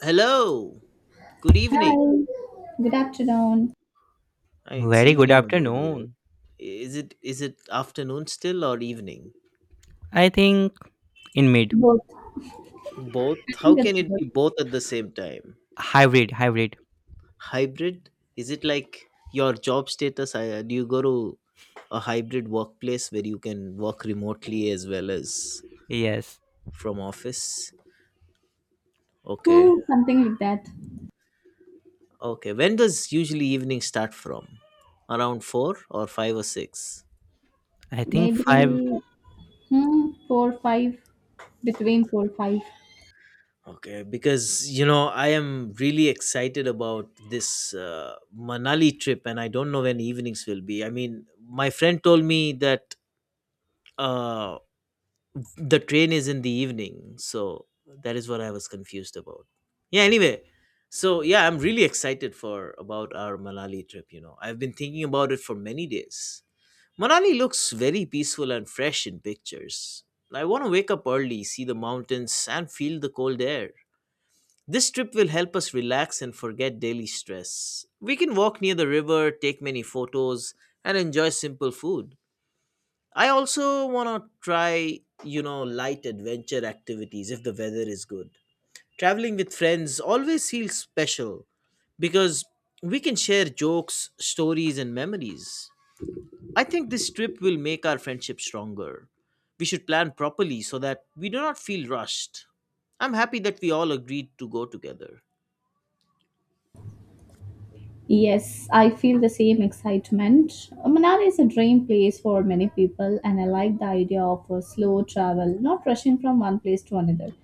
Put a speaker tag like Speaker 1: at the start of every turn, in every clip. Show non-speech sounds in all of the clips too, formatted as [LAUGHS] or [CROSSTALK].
Speaker 1: Hello. Good evening.
Speaker 2: Hi, good afternoon.
Speaker 1: Ah, it's
Speaker 3: Very good
Speaker 1: evening already, right?
Speaker 3: afternoon.
Speaker 1: Is it afternoon still or evening?
Speaker 3: I think in mid
Speaker 2: Both. I
Speaker 1: Both? How
Speaker 2: think it's
Speaker 1: can it
Speaker 2: both.
Speaker 1: be both at the same time?
Speaker 3: hybrid.
Speaker 1: Hybrid? Is it like your job status? Do you go to a hybrid workplace where you can work remotely as well as
Speaker 3: Yes,
Speaker 1: from office? Okay.
Speaker 2: Something like that.
Speaker 1: Okay. When does usually evening start from? Around 4 or 5 or 6?
Speaker 3: I think five.
Speaker 2: Maybe hmm, four, five, between four, five.
Speaker 1: Okay, because I am really excited about this Manali trip, and I don't know when evenings will be. I mean, my friend told me that uh, the train is in the evening, so that is what I was confused about. Yeah. Anyway, so yeah, I'm really excited for about our Manali trip. I've been thinking about it for many days. Manali looks very peaceful and fresh in pictures. I want to wake up early, see the mountains, and feel the cold air. This trip will help us relax and forget daily stress. We can walk near the river, take many photos, and enjoy simple food. I also want to try, light adventure activities if the weather is good. Traveling with friends always feels special because we can share jokes, stories, and memories. I think this trip will make our friendship stronger. We should plan properly so that we do not feel rushed. I'm happy that we all agreed to go together.
Speaker 2: Yes, I feel the same excitement. Manali is a dream place for many people, and I like the idea of a slow travel, not rushing from one place to another.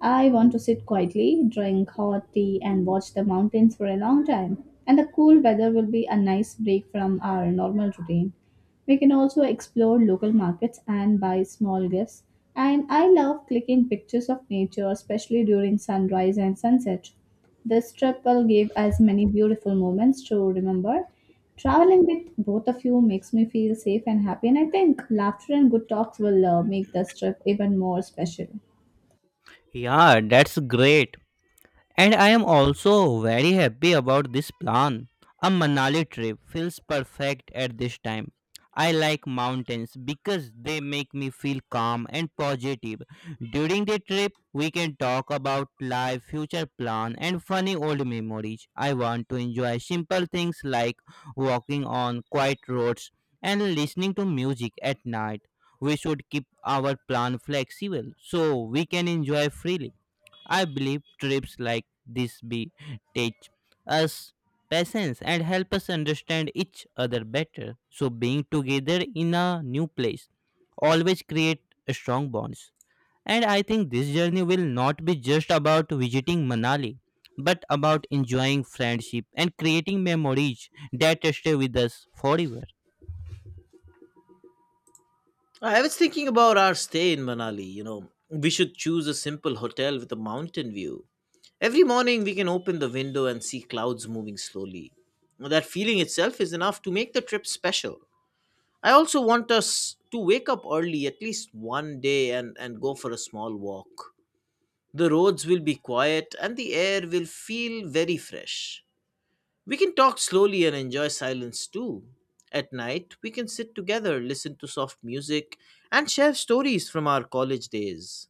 Speaker 2: I want to sit quietly, drink hot tea, and watch the mountains for a long time. And the cool weather will be a nice break from our normal routine. We can also explore local markets and buy small gifts. And I love clicking pictures of nature, especially during sunrise and sunset. This trip will give us many beautiful moments to remember. Traveling with both of you makes me feel safe and happy, and I think laughter and good talks will make this trip even more special.
Speaker 3: Yeah, that's great. And I am also very happy about this plan. A Manali trip feels perfect at this time. I like mountains because they make me feel calm and positive. During the trip, we can talk about life, future plan, and funny old memories. I want to enjoy simple things like walking on quiet roads and listening to music at night. We should keep our plan flexible so we can enjoy freely. I believe trips like this be teach us patience and help us understand each other better. So being together in a new place always create strong bonds. And I think this journey will not be just about visiting Manali, but about enjoying friendship and creating memories that stay with us forever.
Speaker 1: I was thinking about our stay in Manali. We should choose a simple hotel with a mountain view. Every morning we can open the window and see clouds moving slowly. That feeling itself is enough to make the trip special. I also want us to wake up early at least one day and go for a small walk. The roads will be quiet and the air will feel very fresh. We can talk slowly and enjoy silence too. At night, we can sit together, listen to soft music, and share stories from our college days.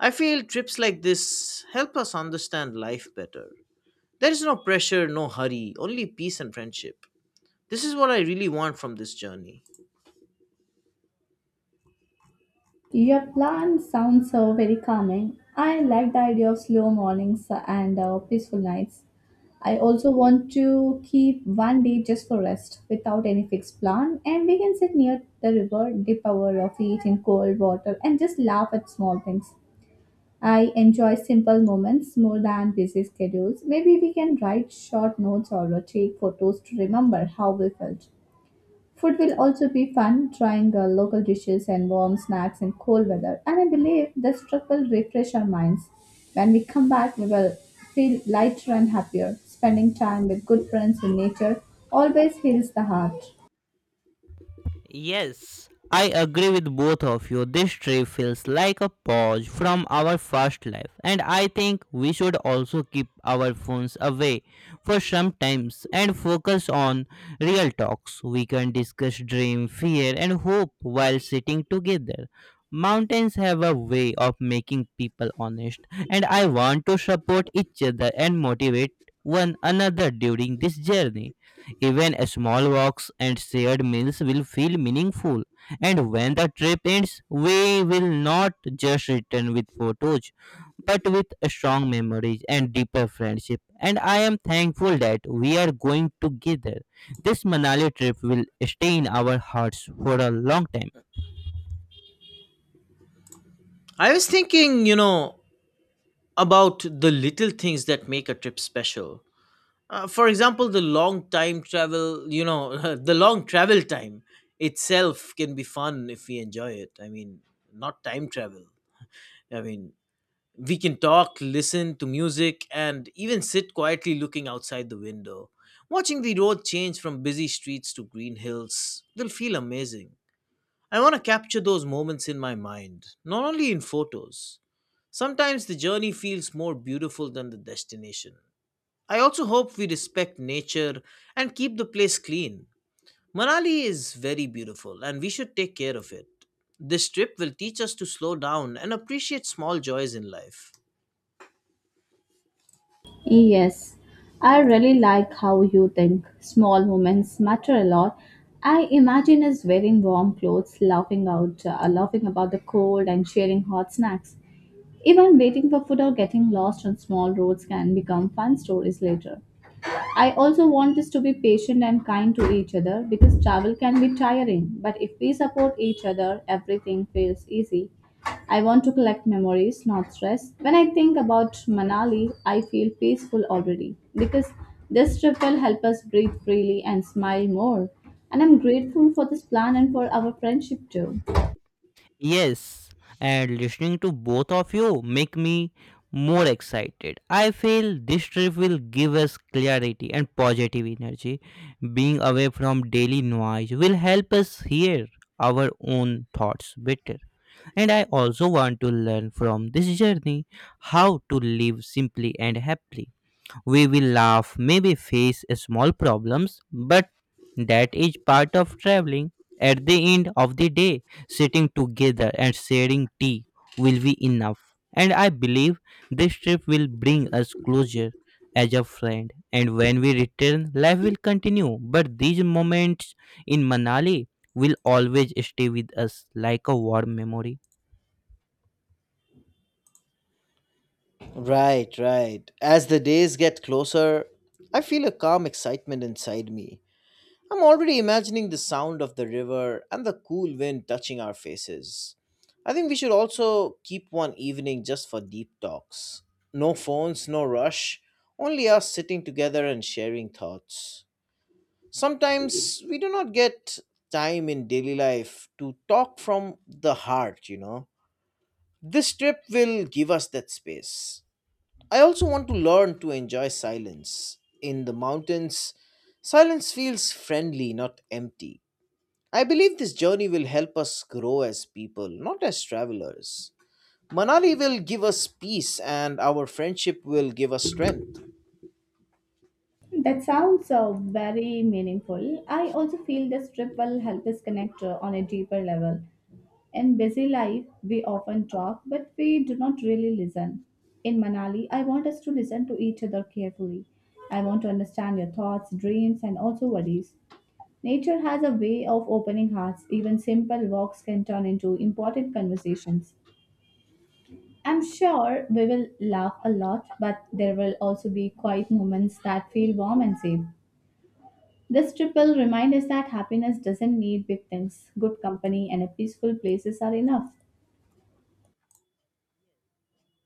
Speaker 1: I feel trips like this help us understand life better. There is no pressure, no hurry, only peace and friendship. This is what I really want from this journey.
Speaker 2: Your plan sounds very calming. I like the idea of slow mornings and peaceful nights. I also want to keep one day just for rest without any fixed plan, and we can sit near the river, dip our feet in cold water, and just laugh at small things. I enjoy simple moments more than busy schedules. Maybe we can write short notes or take photos to remember how we felt. Food will also be fun, trying local dishes and warm snacks in cold weather. And I believe this trip will refresh our minds. When we come back, we will feel lighter and happier. Spending time with good friends in nature always heals the heart.
Speaker 3: Yes, I agree with both of you. This trip feels like a pause from our fast life, and I think we should also keep our phones away for some times and focus on real talks. We can discuss dream, fear, and hope while sitting together. Mountains have a way of making people honest, and I want to support each other and motivate one another during this journey. Even small walks and shared meals will feel meaningful. And when the trip ends, we will not just return with photos, but with strong memories and deeper friendship. And I am thankful that we are going together. This Manali trip will stay in our hearts for a long time.
Speaker 1: I was thinking, about the little things that make a trip special. For example, the long time travel, [LAUGHS] the long travel time itself can be fun if we enjoy it. I mean, not time travel. I mean, we can talk, listen to music, and even sit quietly looking outside the window. Watching the road change from busy streets to green hills will feel amazing. I want to capture those moments in my mind, not only in photos. Sometimes the journey feels more beautiful than the destination. I also hope we respect nature and keep the place clean. Manali is very beautiful and we should take care of it. This trip will teach us to slow down and appreciate small joys in life.
Speaker 2: Yes, I really like how you think. Small moments matter a lot. I imagine us wearing warm clothes, laughing about the cold, and sharing hot snacks. Even waiting for food or getting lost on small roads can become fun stories later. I also want us to be patient and kind to each other because travel can be tiring, but if we support each other, everything feels easy. I want to collect memories, not stress. When I think about Manali, I feel peaceful already because this trip will help us breathe freely and smile more. And I'm grateful for this plan and for our friendship too.
Speaker 3: Yes, and listening to both of you make me more excited. I feel this trip will give us clarity and positive energy. Being away from daily noise will help us hear our own thoughts better. And I also want to learn from this journey how to live simply and happily. We will laugh, maybe face small problems, but that is part of traveling. At the end of the day, sitting together and sharing tea will be enough. And I believe this trip will bring us closer as a friend. And when we return, life will continue. But these moments in Manali will always stay with us like a warm memory.
Speaker 1: Right, right. As the days get closer, I feel a calm excitement inside me. I'm already imagining the sound of the river and the cool wind touching our faces. I think we should also keep one evening just for deep talks. No phones, no rush, only us sitting together and sharing thoughts. Sometimes we do not get time in daily life to talk from the heart. This trip will give us that space. I also want to learn to enjoy silence. In the mountains, silence feels friendly, not empty. I believe this journey will help us grow as people, not as travelers. Manali will give us peace and our friendship will give us strength.
Speaker 2: That sounds very meaningful. I also feel this trip will help us connect on a deeper level. In busy life, we often talk, but we do not really listen. In Manali, I want us to listen to each other carefully. I want to understand your thoughts, dreams, and also worries. Nature has a way of opening hearts. Even simple walks can turn into important conversations. I'm sure we will laugh a lot, but there will also be quiet moments that feel warm and safe. This trip will remind us that happiness doesn't need big things. Good company and a peaceful places are enough.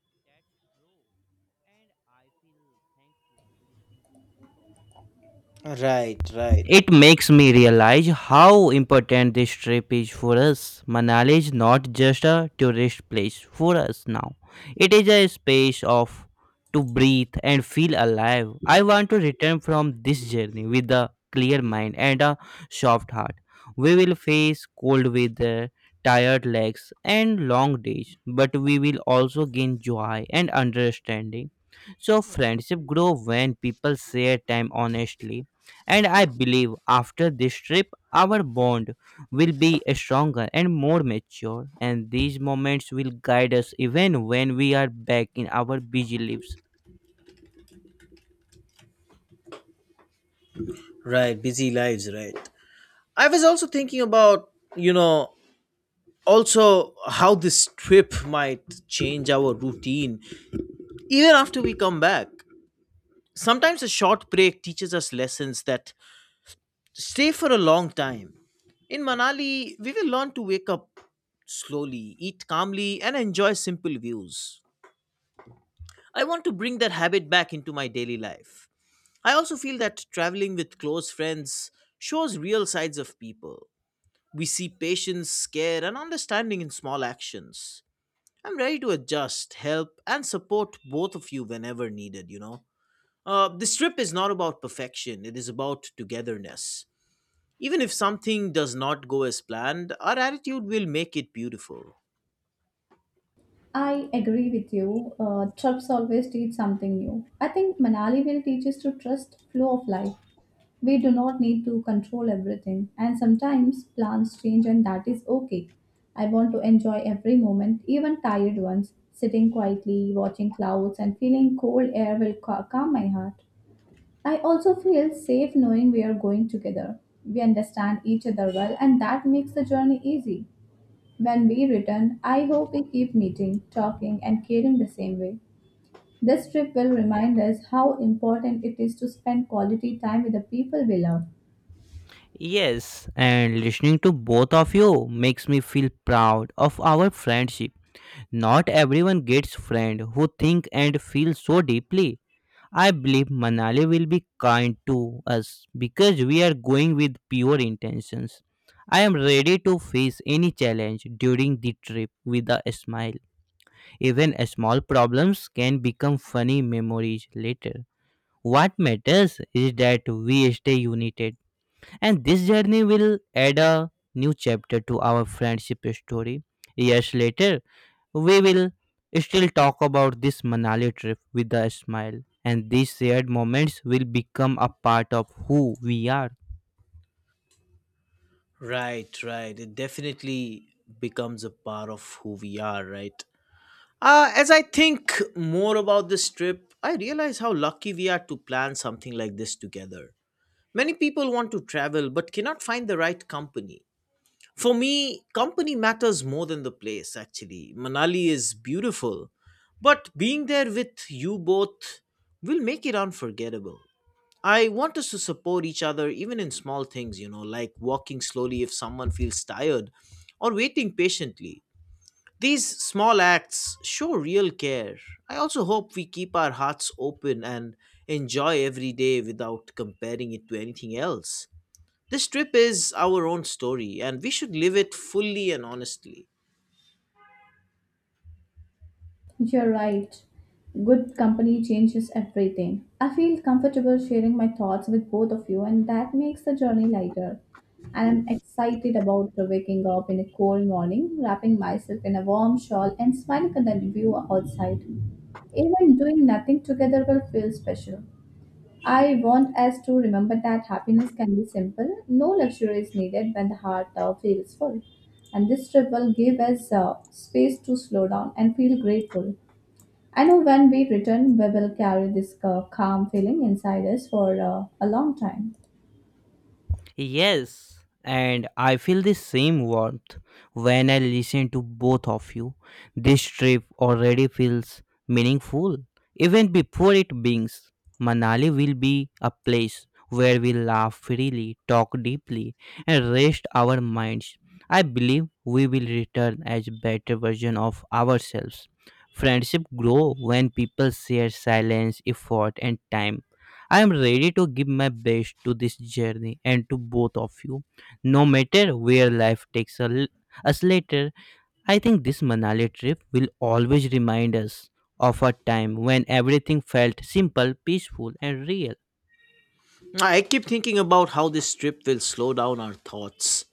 Speaker 3: Yes, that's true. And I feel thankful listening to both of
Speaker 1: Right, right,
Speaker 3: It makes me realize how important this trip is for us. Manali is not just a tourist place for us now. It is a space of to breathe and feel alive. I want to return from this journey with a clear mind and a soft heart. We will face cold weather, tired legs and long days, but we will also gain joy and understanding. So friendship grow when people share time honestly and I believe after this trip, our bond will be stronger and more mature, and these moments will guide us even when we are back in our busy lives.
Speaker 1: right. Busy lives, right. I was also thinking about, you know, also how this trip might change our routine even after we come back. Sometimes a short break teaches us lessons that stay for a long time. In Manali, we will learn to wake up slowly, eat calmly, and enjoy simple views. I want to bring that habit back into my daily life. I also feel that traveling with close friends shows real sides of people. We see patience, care, and understanding in small actions. I'm ready to adjust, help, and support both of you whenever needed. This trip is not about perfection, it is about togetherness. Even if something does not go as planned, our attitude will make it beautiful.
Speaker 2: I agree with you. Trips always teach something new. I think Manali will teach us to trust flow of life. We do not need to control everything, and sometimes plans change, and that is okay. I want to enjoy every moment, even tired ones. Sitting quietly, watching clouds, and feeling cold air will calm my heart. I also feel safe knowing we are going together. We understand each other well, and that makes the journey easy. When we return, I hope we keep meeting, talking, and caring the same way. This trip will remind us how important it is to spend quality time with the people we love.
Speaker 3: Yes, and listening to both of you makes me feel proud of our friendship. Not everyone gets friend who think and feel so deeply. I believe Manali will be kind to us because we are going with pure intentions. I am ready to face any challenge during the trip with a smile. Even small problems can become funny memories later. What matters is that we stay united, and this journey will add a new chapter to our friendship story. Years later, we will still talk about this Manali trip with a smile, and these shared moments will become a part of who we are.
Speaker 1: Right, right. It definitely becomes a part of who we are, right? As I think more about this trip, I realize how lucky we are to plan something like this together. Many people want to travel but cannot find the right company. For me, company matters more than the place, actually. Manali is beautiful, but being there with you both will make it unforgettable. I want us to support each other even in small things, like walking slowly if someone feels tired or waiting patiently. These small acts show real care. I also hope we keep our hearts open and enjoy every day without comparing it to anything else. This trip is our own story and we should live it fully and honestly.
Speaker 2: You're right. Good company changes everything. I feel comfortable sharing my thoughts with both of you, and that makes the journey lighter. And I'm excited about waking up in a cold morning, wrapping myself in a warm shawl, and smiling at the view outside. Even doing nothing together will feel special. I want us to remember that happiness can be simple. No luxury is needed when the heart feels full. And this trip will give us space to slow down and feel grateful. I know when we return, we will carry this calm feeling inside us for a long time.
Speaker 3: Yes, and I feel the same warmth when I listen to both of you. This trip already feels meaningful. Even before it begins, Manali will be a place where we laugh freely, talk deeply, and rest our minds. I believe we will return as better version of ourselves. Friendship grow when people share silence, effort, and time I am ready to give my best to this journey and to both of you, no matter where life us later. I think this Manali trip will always remind us of a time when everything felt simple, peaceful, and real.
Speaker 1: I keep thinking about how this trip will slow down our thoughts.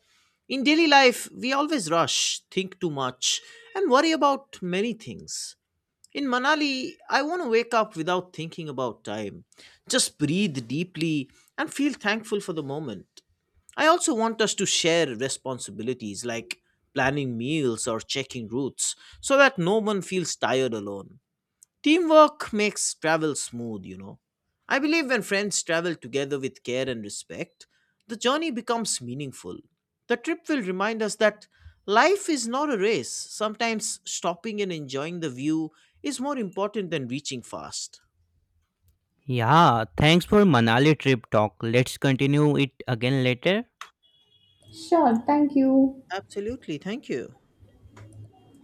Speaker 1: In daily life, we always rush, think too much, and worry about many things. In Manali, I want to wake up without thinking about time, just breathe deeply and feel thankful for the moment. I also want us to share responsibilities like planning meals or checking routes so that no one feels tired alone. Teamwork makes travel smooth. I believe when friends travel together with care and respect, the journey becomes meaningful. The trip will remind us that life is not a race. Sometimes stopping and enjoying the view is more important than reaching fast.
Speaker 3: Yeah, thanks for Manali trip talk. Let's continue it again later.
Speaker 2: Sure, thank you.
Speaker 1: Absolutely, thank you.